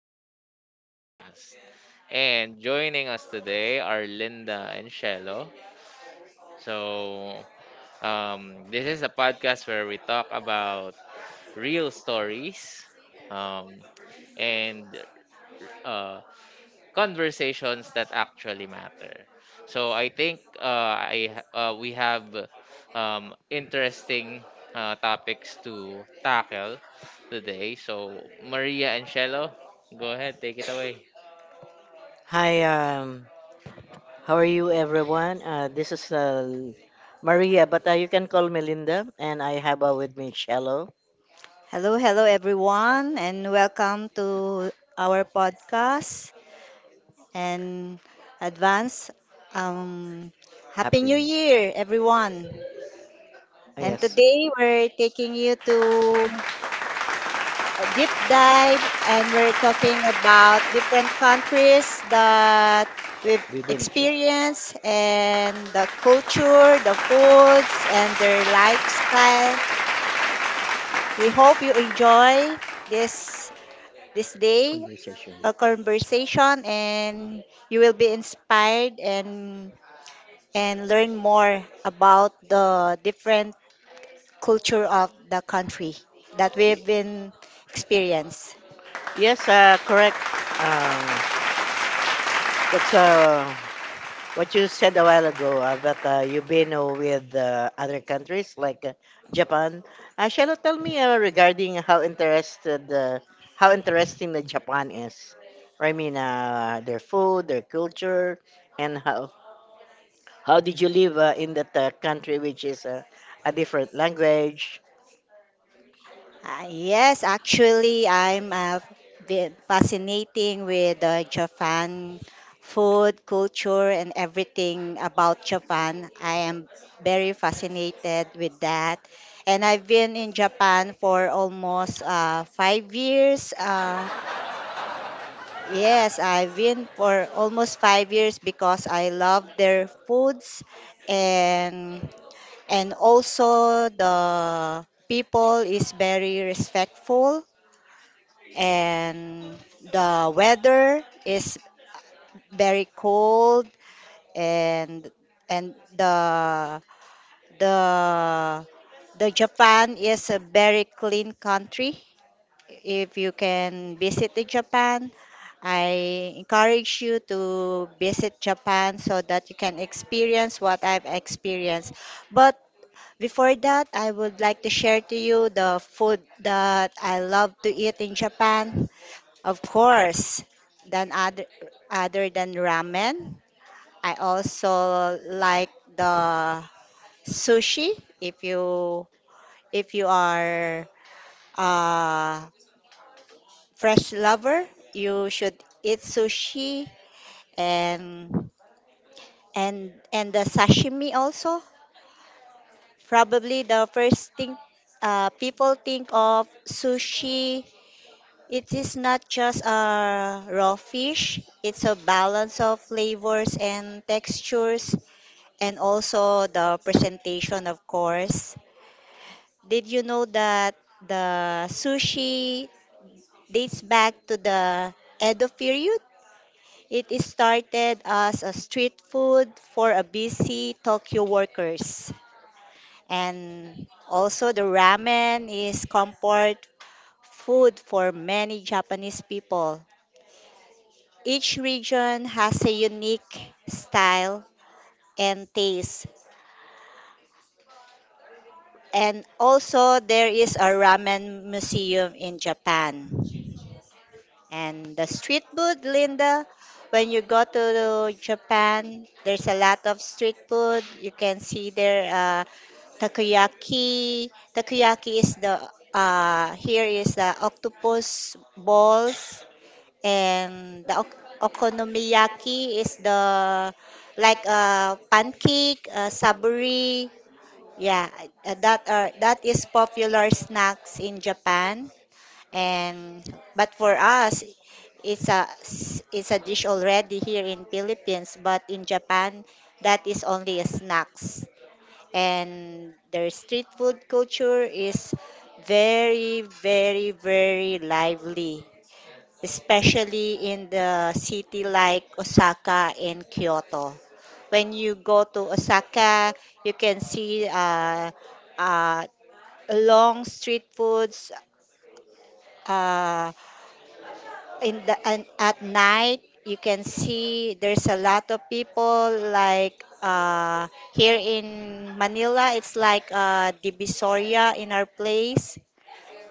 to our podcast. And joining us today are Linda and Shello. So, this is a podcast where we talk about real stories um, and uh, conversations that actually matter. So I think we have interesting topics to tackle today. So Maria and Shello, go ahead, take it away. Hi, how are you, everyone? This is Maria, but you can call me Linda, and I have with me Shallow. Hello, hello everyone, and welcome to our podcast and advance um, Happy New Happening. Year, everyone. Ah, And yes, today we're taking you to a deep dive and we're talking about different countries that we've we've been through experienced and the culture, the foods, and their lifestyle. We hope you enjoy this this day conversation. a conversation and you will be inspired and learn more about the different culture of the country that we've been experienced. Yes, correct. Um, that's what you said a while ago that you've been with other countries like Japan. Shall you tell me regarding how interesting the Japan is? I mean, their food, their culture, and how did you live in that country, which is a different language. Yes, actually, I'm been fascinating with the Japan food, culture, and everything about Japan. I am very fascinated with that. And I've been in Japan for almost 5 years. Yes, I've been for almost 5 years because I love their foods and and also the people is very respectful and the weather is very cold and and the the the Japan is a very clean country. If you can visit the Japan, I encourage you to visit Japan so that you can experience what I've experienced. But before that, I would like to share to you the food that I love to eat in Japan. Of course, than other other than ramen, I also like the sushi. If you are a fresh lover, you should eat sushi and and the sashimi also. Probably the first thing people think of sushi. It is not just a raw fish, it's a balance of flavors and textures and also the presentation, of course. Did you know that the sushi dates back to the Edo period? It is started as a street food for a busy Tokyo workers. And also the ramen is comfort food for many Japanese people. Each region has a unique style and taste. And also, there is a ramen museum in Japan. And the street food, Linda, when you go to Japan, there's a lot of street food. You can see there takoyaki. Takoyaki is the here is the octopus balls and the okonomiyaki is the like pancake, saburi. Yeah, that is popular snacks in Japan. And but for us, it's a dish already here in Philippines. But in Japan, that is only a snacks. And their street food culture is very, very, very lively, especially in the city like Osaka and Kyoto. When you go to Osaka, you can see uh, long street foods. Uh, in the and at night, you can see there's a lot of people. Like here in Manila, it's like Divisoria in our place,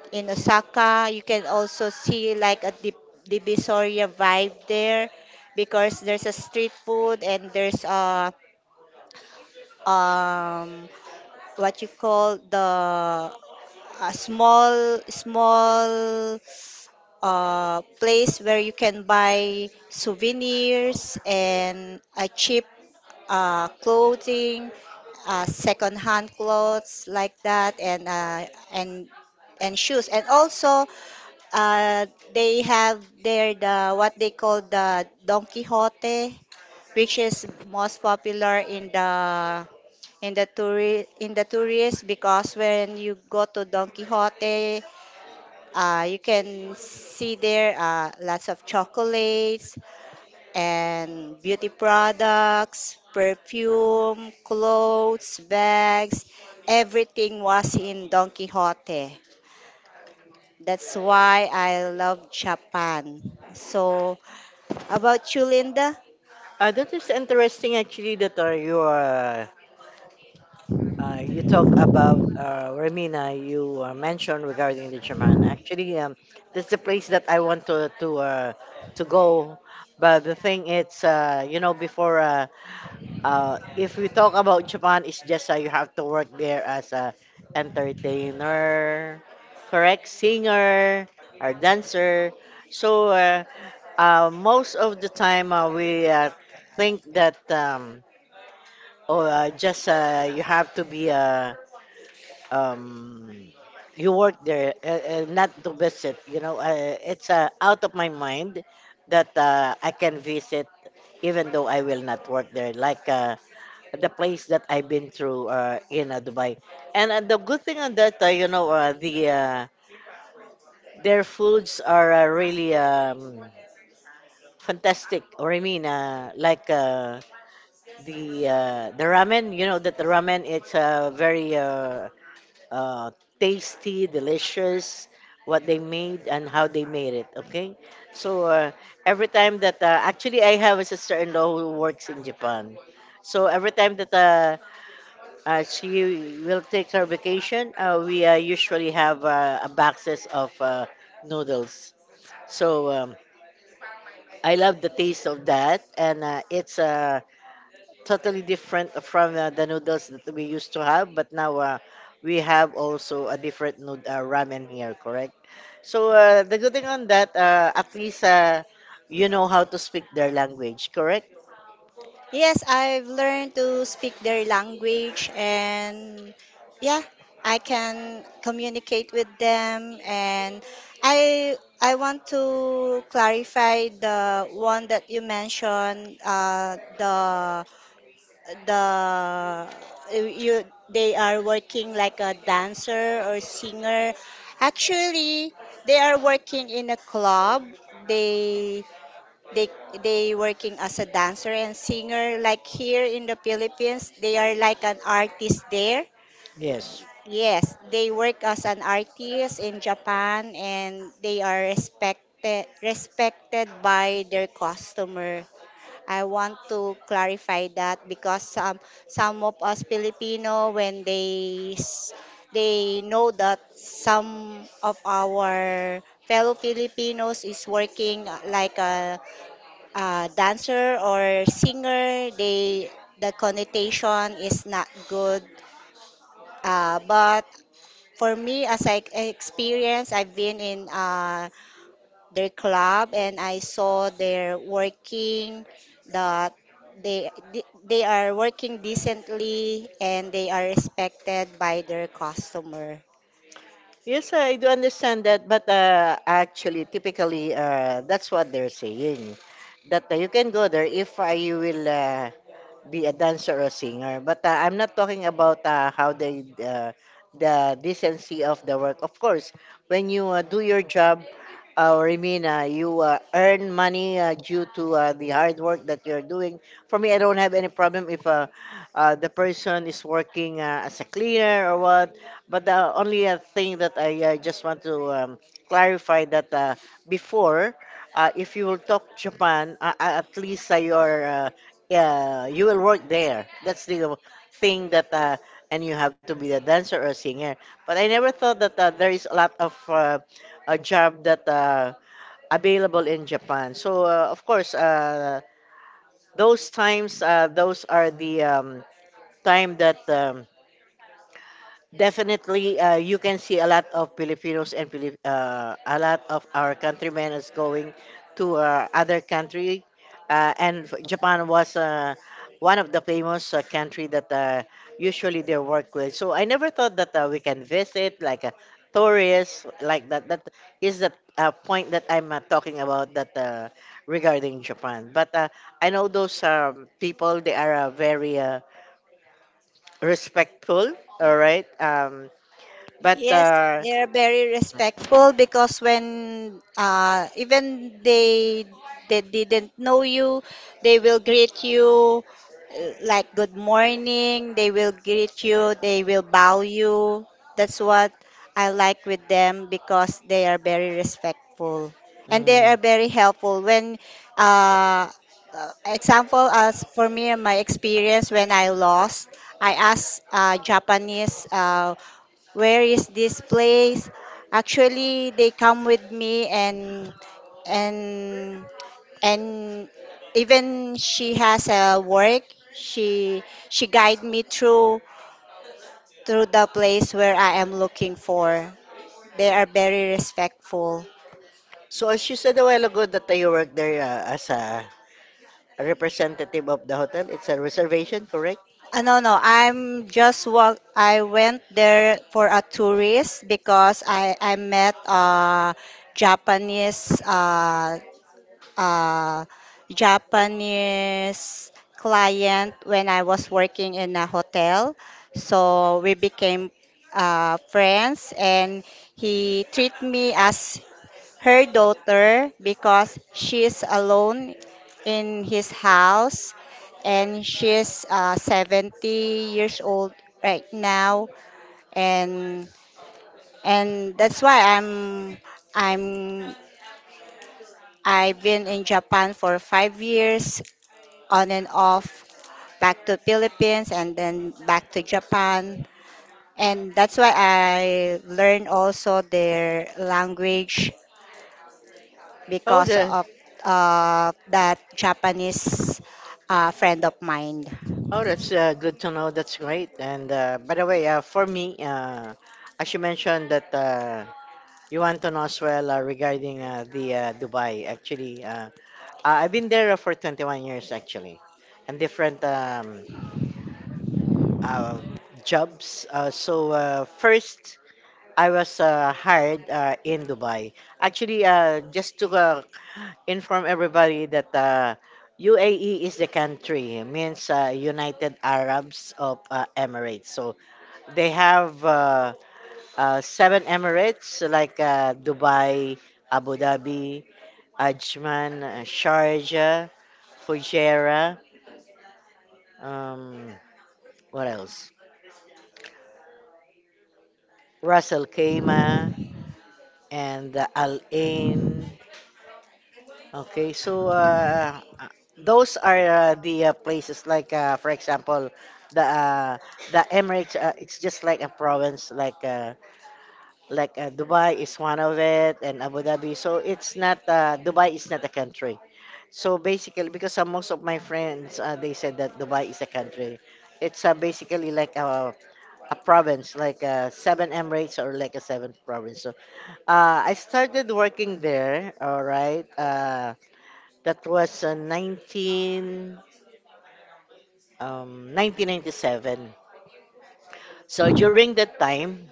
in Osaka. You can also see like a dip, Divisoria vibe there because there's a street food and there's a um what you call the a small place where you can buy souvenirs and a cheap clothing, second-hand clothes like that, and and shoes. And also, uh, they have there the what they call the Don Quixote, which is most popular in the tourists, because when you go to Don Quixote, you can see there lots of chocolates and beauty products, perfume, clothes, bags. Everything was in Don Quixote. That's why I love Japan. So, how about you, Linda? That is interesting actually that you talk about Remina, you mentioned regarding the Japan. Actually, that's the place that I want to go. But the thing is, before if we talk about Japan, it's just you have to work there as a entertainer, correct, singer or dancer. So most of the time we think that. Oh, just you have to be um, you work there, not to visit. You know, it's out of my mind that I can visit, even though I will not work there. Like the place that I've been through in Dubai, and the good thing on that, their foods are really fantastic. Or I mean, like. The ramen. You know that the ramen it's very uh, tasty, delicious. What they made and how they made it. Okay, so every time that actually I have a sister-in-law who works in Japan, so every time that she will take her vacation, we usually have a boxes of noodles. So I love the taste of that, and it's totally different from the noodles that we used to have. But now we have also a different nood ramen here, correct? So the good thing on that, at least you know how to speak their language, correct? Yes, I've learned to speak their language, and yeah, I can communicate with them and I I want to clarify the one that you mentioned, the you they are working like a dancer or singer. Actually, they are working in a club. They they they working as a dancer and singer, like here in the Philippines they are like an artist there. Yes. Yes, they work as an artist in Japan and they are respected, respected by their customer. I want to clarify that because some of us Filipino, when they they know that some of our fellow Filipinos is working like a dancer or singer, they, the connotation is not good. But for me, as I experience, I've been in their club and I saw they're working, that they they are working decently and they are respected by their customer. Yes, I do understand that, but actually, typically, that's what they're saying, that you can go there if I will be a dancer or singer. But I'm not talking about how they the decency of the work. Of course, when you do your job, Remina, you earn money due to the hard work that you're doing. For me, I don't have any problem if the person is working as a cleaner or what. But the only thing that I just want to clarify that before, if you will talk Japan, at least your yeah, you will work there. That's the thing that, and you have to be a dancer or a singer. But I never thought that there is a lot of a job that available in Japan. So of course, those times, those are the time that. Definitely, you can see a lot of Filipinos and Filip a lot of our countrymen is going to other country, and Japan was one of the famous country that usually they work with. So I never thought that we can visit like a tourist like that. That is the point that I'm talking about that regarding Japan. But I know those people, they are very respectful. All right. But, Yes, they're very respectful, because when even they didn't know you, they will greet you like good morning. They will greet you. They will bow you. That's what I like with them because they are very respectful and they are very helpful. When uh, example as for me, my experience when I lost, I asked Japanese. Where is this place? Actually they come with me and and even she has a work, she she guide me through, through the place where I am looking for. They are very respectful. so as you said a while ago that you work there as a representative of the hotel, it's a reservation, correct? Uh, no, no, I'm just walk, I went there for a tourist because I met a Japanese uh, Japanese client when I was working in a hotel. So we became friends, and he treated me as her daughter because she is alone in his house and she's 70 years old right now and and that's why I'm, I've been in Japan for 5 years, on and off, back to Philippines and then back to Japan. And that's why I learned also their language Oh, because the of that Japanese friend of mine. oh, that's good to know. That's great. And by the way, for me, as you mentioned that you want to know as well regarding the Dubai. Actually, I've been there for 21 years actually, and different um, jobs. So first I was hired in Dubai. Actually, just to inform everybody that UAE is the country, means United Arabs of Emirates. So they have seven Emirates like Dubai, Abu Dhabi, Ajman, Sharjah, Fujairah, um, what else? Ras Al Khaimah and Al Ain. Okay, so those are the places like, for example, the uh, the Emirates. It's just like a province, like Dubai is one of it, and Abu Dhabi. So it's not, Dubai is not a country. So basically, because most of my friends they said that Dubai is a country. It's basically like a province, like seven Emirates or like a seventh province. So I started working there. All right. That was 19, um, 1997. So during that time,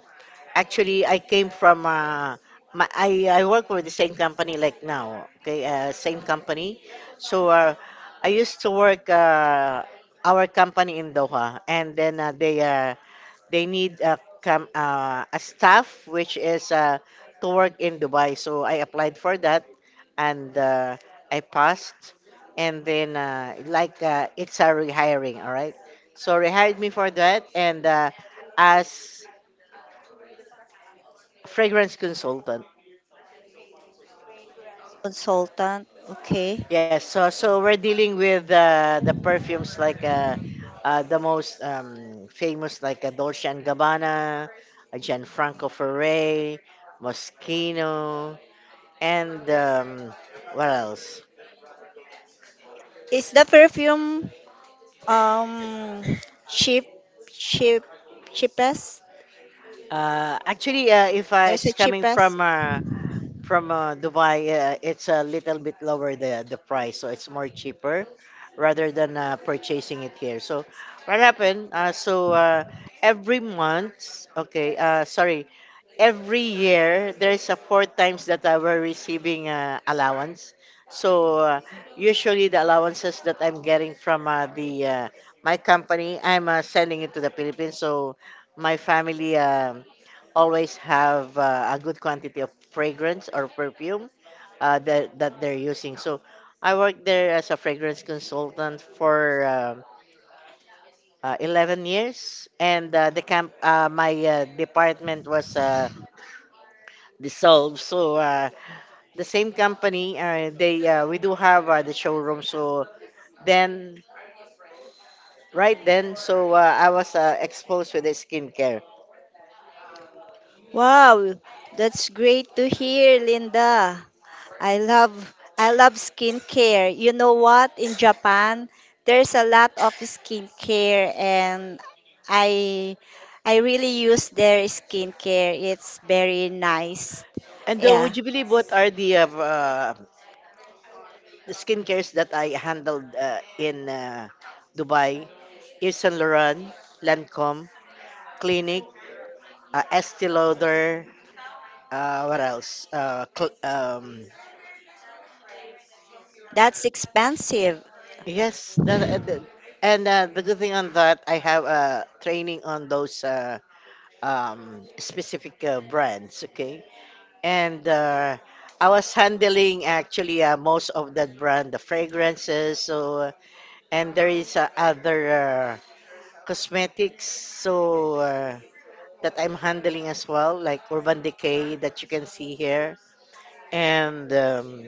actually, I came from, I work for the same company like now, okay, same company. So I used to work our company in Doha, and then they need a cam a staff which is to work in Dubai. So I applied for that, and I passed. And then like it's a rehiring, all right. So rehired me for that, and as fragrance consultant. Consultant, okay. Yes, so we're dealing with the perfumes like the most famous like Dolce and Gabbana, Gianfranco Ferré, Moschino, and what else? Is the perfume um cheap cheap cheapest? Actually, if There's a it's coming cheapest. From Dubai, it's a little bit lower the price, so it's more cheaper rather than purchasing it here. So what happened? So every month, okay, sorry, every year there is a four times that I were receiving allowance. So usually the allowances that I'm getting from the my company, I'm selling it to the Philippines. So my family always have a good quantity of fragrance or perfume that they're using. So I worked there as a fragrance consultant for 11 years, and the camp my department was dissolved. So the same company, they we do have the showroom. So then, right then, so I was exposed with the skincare. Wow, that's great to hear, Linda. I love skincare. You know what? In Japan, there's a lot of skincare and I I really use their skincare. It's very nice. And Yeah. would you believe what are the skincares that I handled in Dubai? Yves Saint Laurent, Lancome, Clinique, Estee Lauder. What else? That's expensive. Yes, that, and the good thing on that, I have training on those. Specific brands. Okay, and I was handling actually most of that brand, the fragrances. So and there is other cosmetics. So that I'm handling as well, like Urban Decay that you can see here, and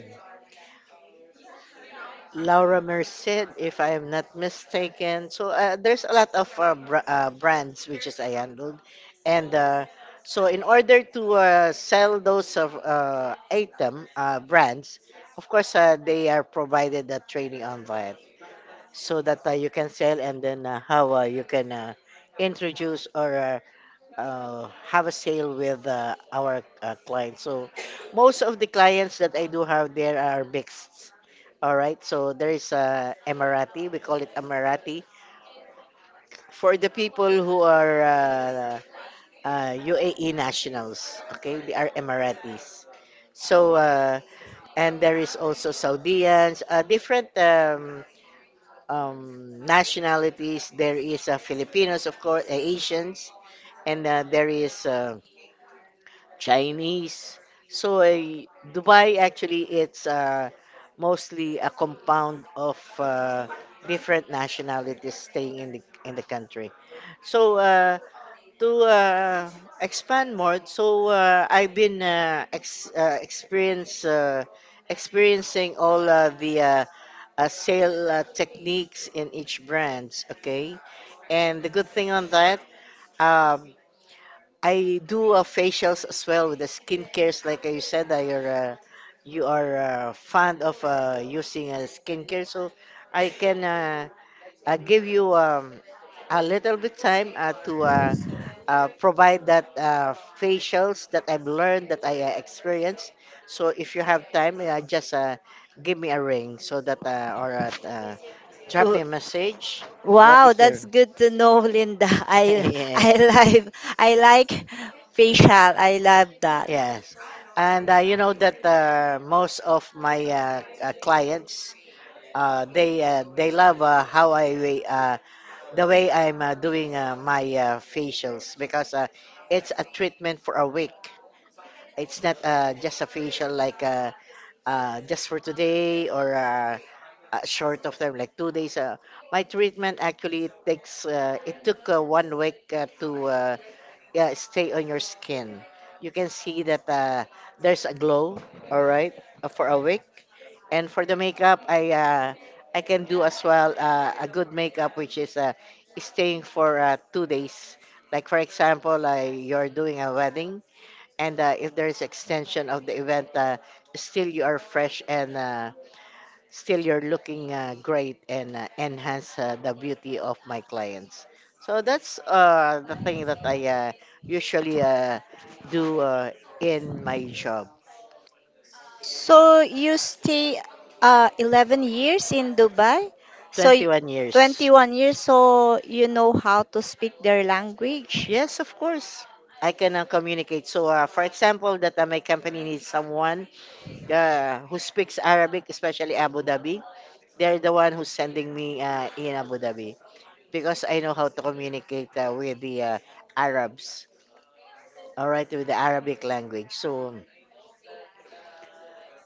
Laura Merced, if I am not mistaken. So there's a lot of brands which is I handled, and so in order to sell those of item brands, of course they are provided the training on that, so that you can sell, and then how you can introduce or have a sale with our clients. So most of the clients that I do have there are mixed. All right, so there is Emirati. We call it Emirati for the people who are UAE nationals. Okay, they are Emiratis. So and there is also Saudians, different nationalities. There is Filipinos, of course, Asians, and there is. Chinese. So I- Dubai actually it's mostly a compound of different nationalities staying in the country. So to expand more, so I've been ex- experience experiencing all the sale techniques in each brands. Okay, and the good thing on that. Uh, I do facials as well with the skincares. Like you said, that you are fond of using skincare, so I can give you a little bit time to provide that facials that I've learned that I experienced. So if you have time, just give me a ring, so that or drop me W- a message. What Wow, is your that's good to know, Linda. Yeah. I like I like facial. I love that. Yes. And you know that most of my clients, they love how the way I'm doing my facials because it's a treatment for a week. It's not just a facial like just for today or short of time like 2 days. My treatment actually takes it took 1 week to yeah, stay on your skin. You can see that there's a glow, all right, for a week. And for the makeup, I can do as well a good makeup, which is staying for 2 days. Like for example, you're doing a wedding, and if there's extension of the event, still you are fresh and still you're looking great and enhance the beauty of my clients. So that's the thing that I usually do in my job. So you stay 11 years in Dubai. So y- 21 years. 21 years, so you know how to speak their language. Yes, of course. I can communicate. So, for example, that my company needs someone who speaks Arabic, especially Abu Dhabi. They're the one who's sending me in Abu Dhabi because I know how to communicate with the Arabs. All right, with the Arabic language. So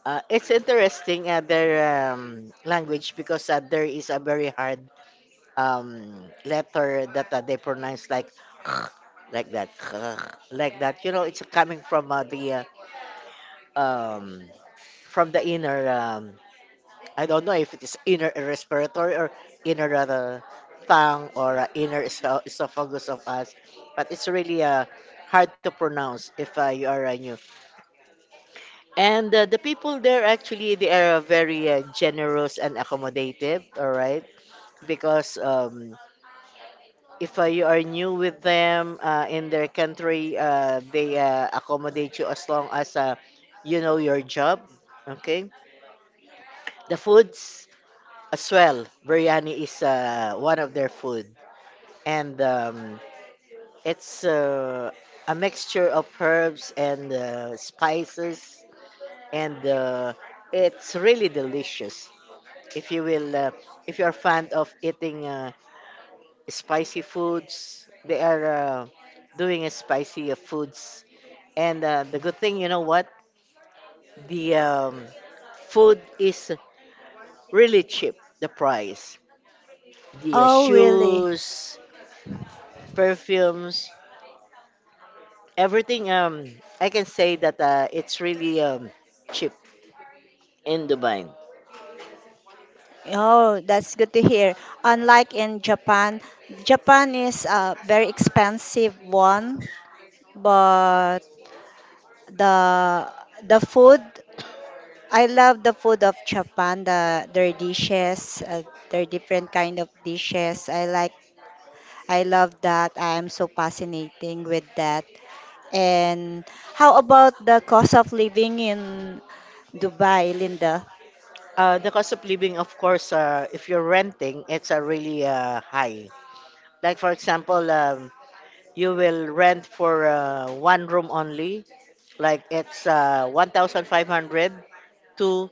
uh, it's interesting their language because there is a very hard um, letter that they pronounce like like that like that. You know, it's coming from the um, from the inner. I don't know if it is inner respiratory or inner tongue or inner esophagus of us, but it's really hard to pronounce if you are a new. And the people there actually they are very generous and accommodative, all right? Because if you are new with them in their country, they accommodate you as long as you know your job, okay? The foods as well. Biryani is one of their food, and it's a mixture of herbs and spices, and it's really delicious. If you will if you are fond of eating spicy foods, they are doing a spicy foods, and the good thing, you know what, the food is really cheap, the price, the Oh, really? shoes, perfumes, everything, I can say that it's really cheap in Dubai. Oh, that's good to hear. Unlike in Japan, Japan is a very expensive one, but the the food, I love the food of Japan, the their dishes, their different kind of dishes. I love that. I am so fascinating with that. And how about the cost of living in Dubai, Linda? The cost of living, of course, if you're renting, it's a really high. Like for example, you will rent for one room only, like it's 1500 to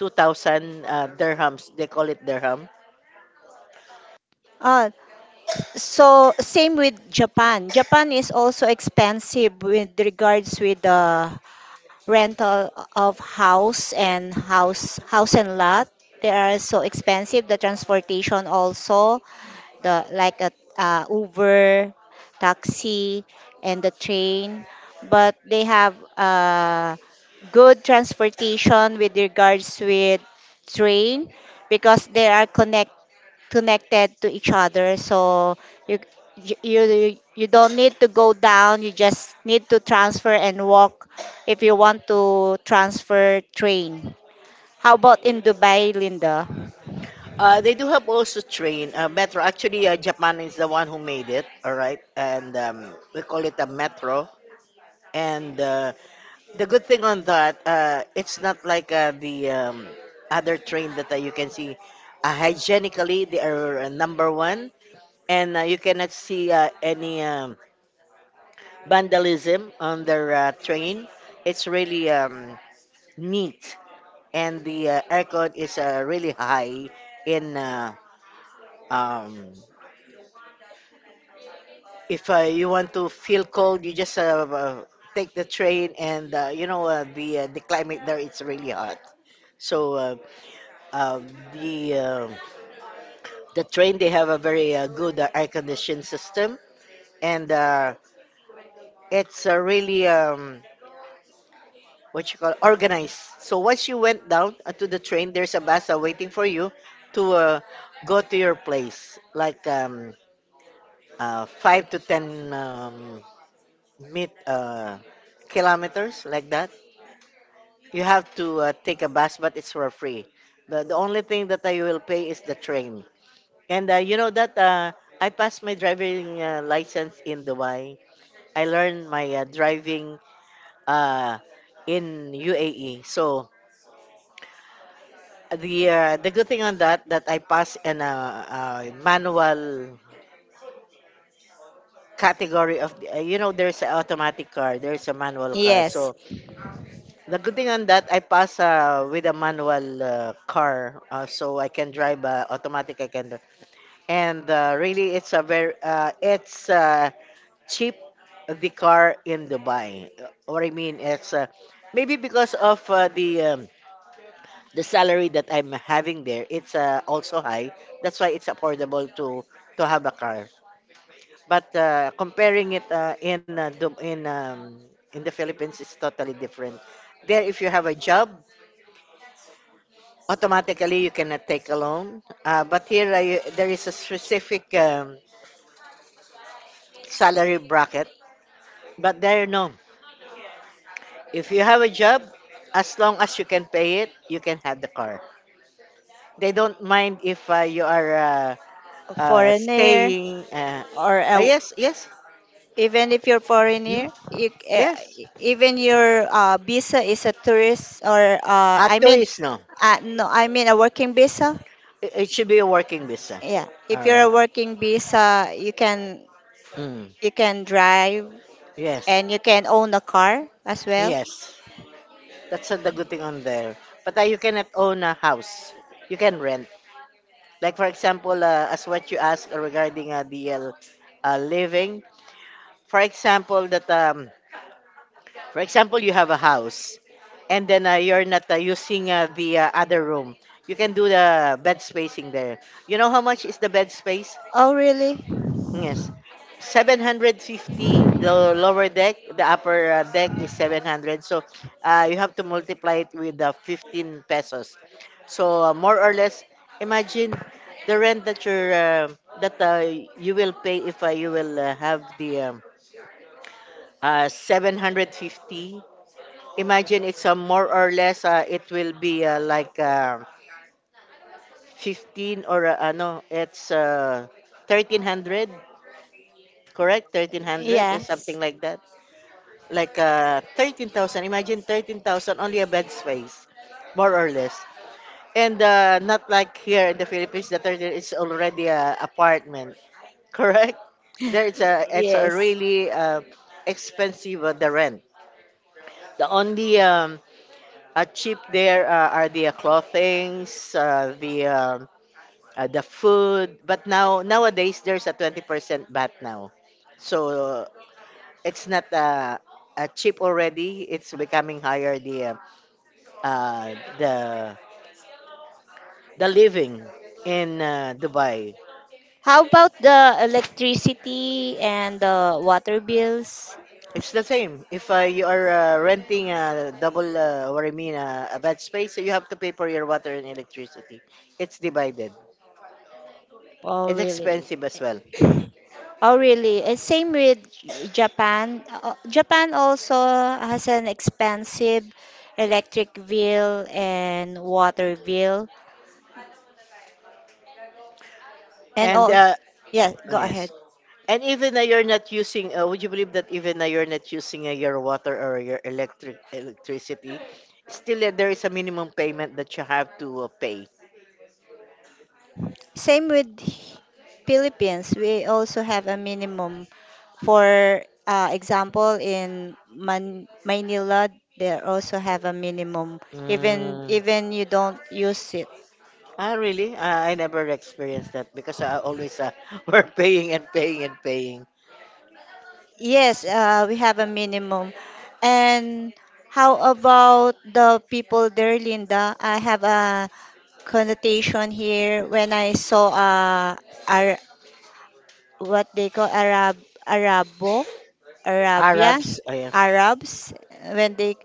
2000 dirhams, they call it dirham. Uh, so same with Japan. Japan is also expensive with regards with the rental of house and house and lot. They are so expensive. The transportation also, the like a Uber, taxi, and the train, but they have good transportation with regards with train because they are connect, connected to each other. So you you don't need to go down. You just need to transfer and walk if you want to transfer train. How about in Dubai, Linda? They do have also train, metro. Actually Japan is the one who made it, all right, and we call it a metro. And the good thing on that, it's not like the other train that you can see. Hygienically they are number one, and you cannot see any vandalism on their train. It's really neat, and the aircon is really high. In um, if you want to feel cold, you just take the train, and you know the climate there, it's really hot. So uh, the uh, the train, they have a very good air conditioning system, and it's really what you call organized. So once you went down to the train, there's a bus waiting for you to go to your place, like five to ten meet kilometers, like that. You have to take a bus, but it's for free. The only thing that I will pay is the train. And you know that I passed my driving license in Dubai. I learned my driving uh, in UAE. So the good thing on that, that I pass in a manual category of you know, there's an automatic car, there's a manual car. Yes, So the good thing on that, I pass with a manual car, so I can drive automatic, I can dri- and really it's a very it's cheap the car in Dubai. What I mean, it's maybe because of the salary that I'm having there, it's also high. That's why it's affordable to have a car. But comparing it in Dub- in the Philippines, is totally different. There, if you have a job, automatically you cannot take a loan. But here, there is a specific salary bracket. But there, no. If you have a job, as long as you can pay it, you can have the car. They don't mind if you are. Foreigner Staying. Or a, Yes, yes, even if you're mm, foreigner you yes. even your visa is a tourist or A I mean, tourist, no. No, I mean a working visa. It should be a working visa. Yeah, if All you're a right. working visa you can, Mm, you can drive yes, and you can own a car as well. yes. That's the good thing on there. But you cannot own a house. You can rent. Like for example, as what you asked regarding the living. For example, that for example, you have a house, and then you're not using the other room. You can do the bed spacing there. You know how much is the bed space? Oh, really? Yes. 750, the lower deck, the upper deck is 700. So you have to multiply it with 15 pesos, so more or less, imagine the rent that that uh, you will pay if you will have the 750. Imagine, it's a more or less it will be like 15, or ano, it's 1300, correct? 1300 or something Yes, like that. Like 13,000. Imagine, 13,000 only a bed space, more or less. And not like here in the Philippines, the 30 is already a apartment, correct? There it's a yes. really expensive the rent. The only cheap there are the clothings, the food, but now nowadays there's a 20% VAT now. So it's not cheap already, it's becoming higher the the living in Dubai. How about the electricity and the water bills? It's the same. If you are renting a double, what I mean, a bed space, so you have to pay for your water and electricity. It's divided. Oh, It's really? expensive as well. Oh, really? And same with Japan. Japan also has an expensive electric bill and water bill. And And all, uh, yeah, oh, go ahead. yes. And even though you're not using, would you believe that even though you're not using your water or your electricity, still there is a minimum payment that you have to pay. Same with Philippines. We also have a minimum. For example, in Manila, they also have a minimum. Even, Mm. even you don't use it. Ah, really? I never experienced that because I always were paying and paying and paying. Yes, S- we have a minimum. And how about the people there, Linda? I have a connotation here when I saw Ar- what they call Arab, Arabo, Arabia, Arabs, oh, yeah. Arabs. When they,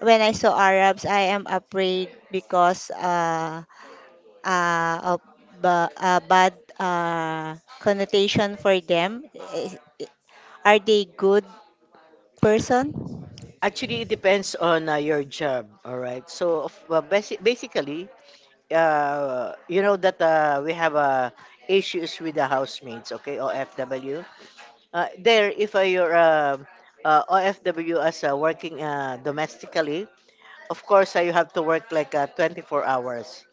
when I saw Arabs, I am afraid because of a bad connotation for them. Is- Are they good person? Actually, it depends on your job. All right. So, basically, you know that we have issues with the housemates, okay, OFW. There, if you're OFW as working domestically, of course you have to work like 24 hours.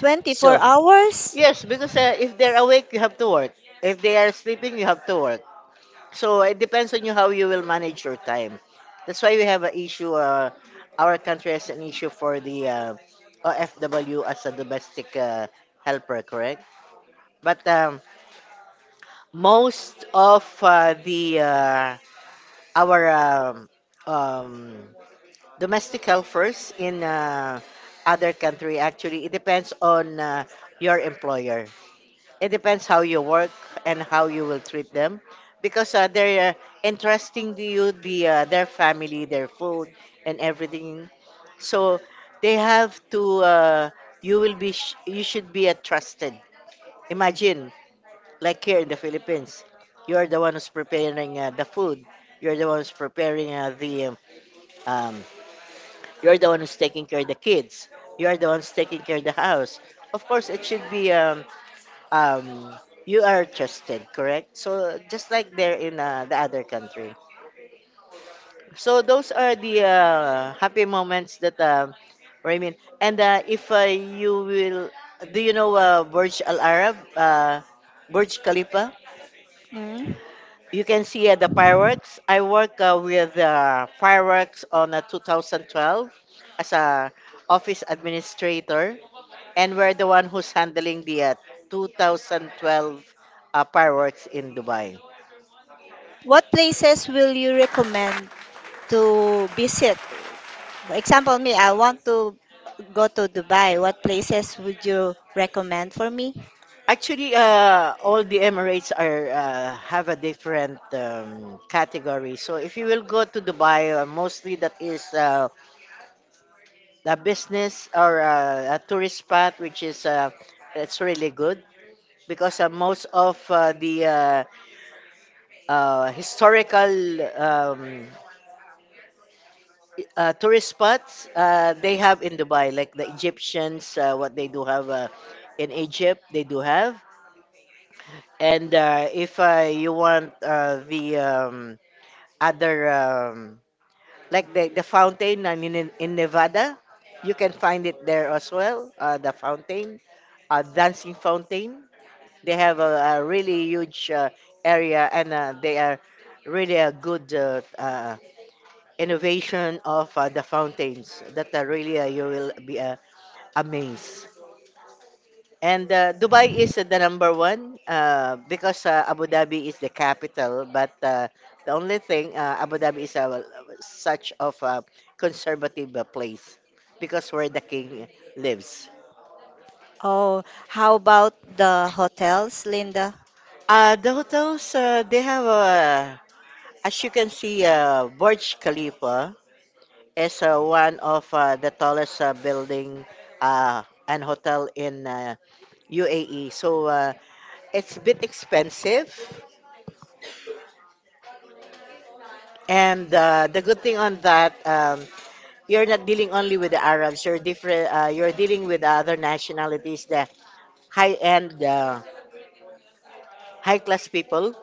24 hours? Yes, because if they're awake, you have to work. If they are sleeping, you have to work. So it depends on you how you will manage your time. That's why we have an issue. Our country has an issue for the OFW as a domestic helper. But most of the our um, domestic helpers in other country, actually it depends on your employer. It depends how you work and how you will treat them because they're entrusting to you their family, their food, and everything. So they have to. You should be a trusted. Imagine, like here in the Philippines, you're the one who's preparing the food. You're the one who's preparing the um, you're the one who's taking care of the kids. You're the one's taking care of the house. Of course, it should be um, you are trusted, correct? So just like there in the other country. So those are the happy moments that Raymond. And if you will, do you know Burj Al Arab, Burj Khalifa? Mm. You can see the fireworks. I work with fireworks on 2012 as a office administrator, and we're the one who's handling the 2012 fireworks in Dubai. What places will you recommend to visit? For example, me, I want to go to Dubai. What places would you recommend for me? Actually, all the Emirates are have a different category. So if you will go to Dubai, mostly that is the business or a tourist spot, which is it's really good. Because most of the historical tourist spots they have in Dubai, like the Egyptians, what they do have in Egypt, they do have. And if you want the other, like the fountain and in Nevada, you can find it there as well, the fountain, dancing fountain. They have a really huge area, and they are really a good innovation of the fountains. That really you will be amazed. And Dubai is the number one, because Abu Dhabi is the capital. But the only thing, Abu Dhabi is a, such of a conservative place because where the king lives. Oh, how about the hotels, Linda? The hotels they have a. As you can see, Burj Khalifa is one of the tallest building uh, and hotel in UAE. So it's a bit expensive. And the good thing on that, you're not dealing only with the Arabs. You're different. You're dealing with other nationalities, the high-end, high-class people.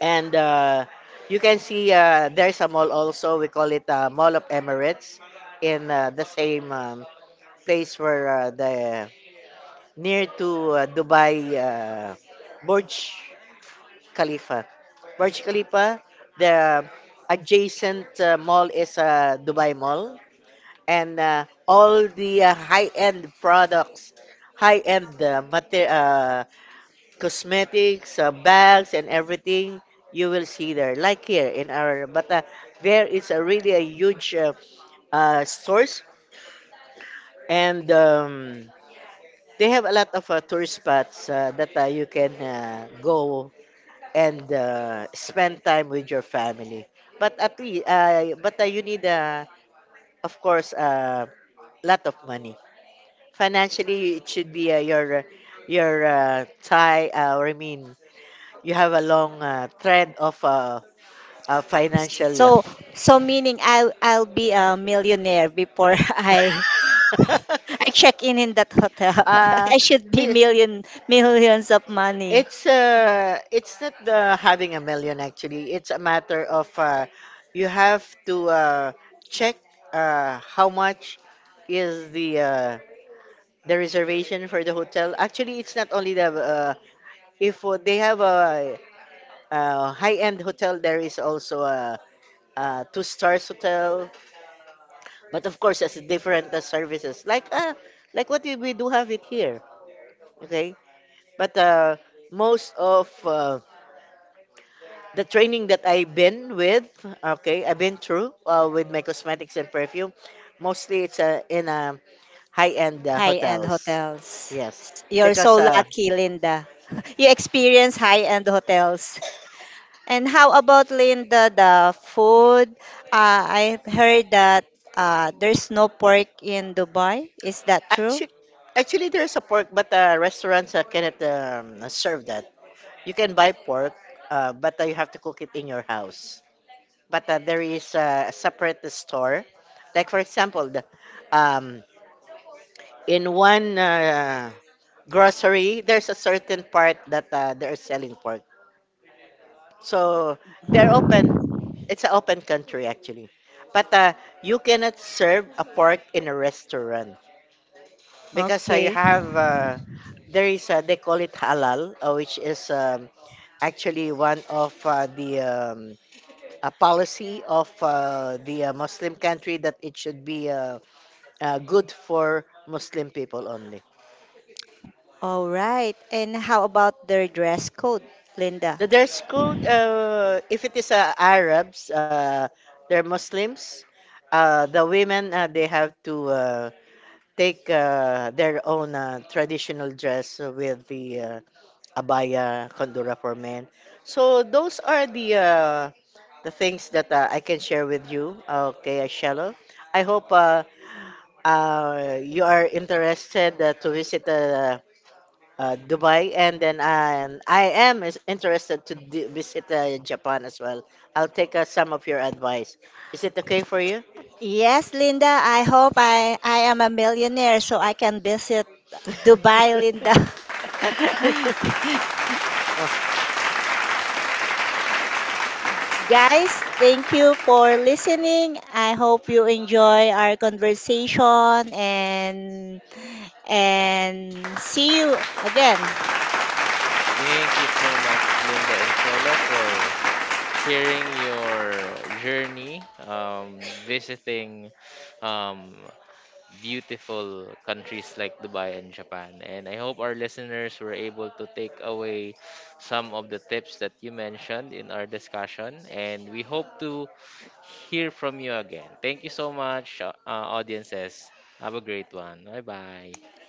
And you can see there's a mall also. We call it Mall of Emirates in the same place where the near to Dubai Burj Khalifa. Burj Khalifa, the adjacent mall is Dubai Mall, and all the high-end products, high-end cosmetics, bags, and everything you will see there, like here in our. But there is a really a huge stores and. They have a lot of tourist spots that you can go and spend time with your family. But at least, but you need, of course, a lot of money. Financially, it should be your tie, or I mean, you have a long trend of financial. So, so meaning I'll be a millionaire before I check in that hotel. uh, I should be million, millions of money. it's not the having a million, actually. It's a matter of you have to check how much is the reservation for the hotel. Actually, it's not only the, if they have a, uh, high end hotel, there is also a, uh, two stars hotel. But of course, it's different services, like what we do have it here. Okay, but most of the training that I've been with, okay, I've been through with my cosmetics and perfume. Mostly it's in high-end High-end hotels. hotels. Yes, You're so because lucky, Linda. You experience high-end hotels. And how about, Linda, the food? I heard that there's no pork in Dubai. Is that true? actually, actually there's a pork, but restaurants cannot serve that. You can buy pork, but you have to cook it in your house. But there is a separate store. Like for example, the, um, in one grocery, there's a certain part that they're selling pork. So they're open. It's an open country, actually. But you cannot serve a pork in a restaurant because you Okay. have there is they call it halal, which is actually one of the a policy of the Muslim country, that it should be good for Muslim people only. All right. And how about their dress code, Linda? The dress code, if it is Arabs, they're Muslims. The women, they have to take their own traditional dress with the, abaya, kondura for men. So those are the things that I can share with you. Okay, Shallow. I hope you are interested to visit. Dubai, and then I am is interested to visit Japan as well. I'll take some of your advice. Is it okay for you? Yes, Linda. I hope I am a millionaire so I can visit Dubai, Linda. Guys, thank you for listening. I hope you enjoy our conversation and and see you again. Thank you so much, Linda and Shello, for sharing your journey visiting um, beautiful countries like Dubai and Japan. And I hope our listeners were able to take away some of the tips that you mentioned in our discussion. And we hope to hear from you again. Thank you so much, audiences. Have a great one. Bye bye.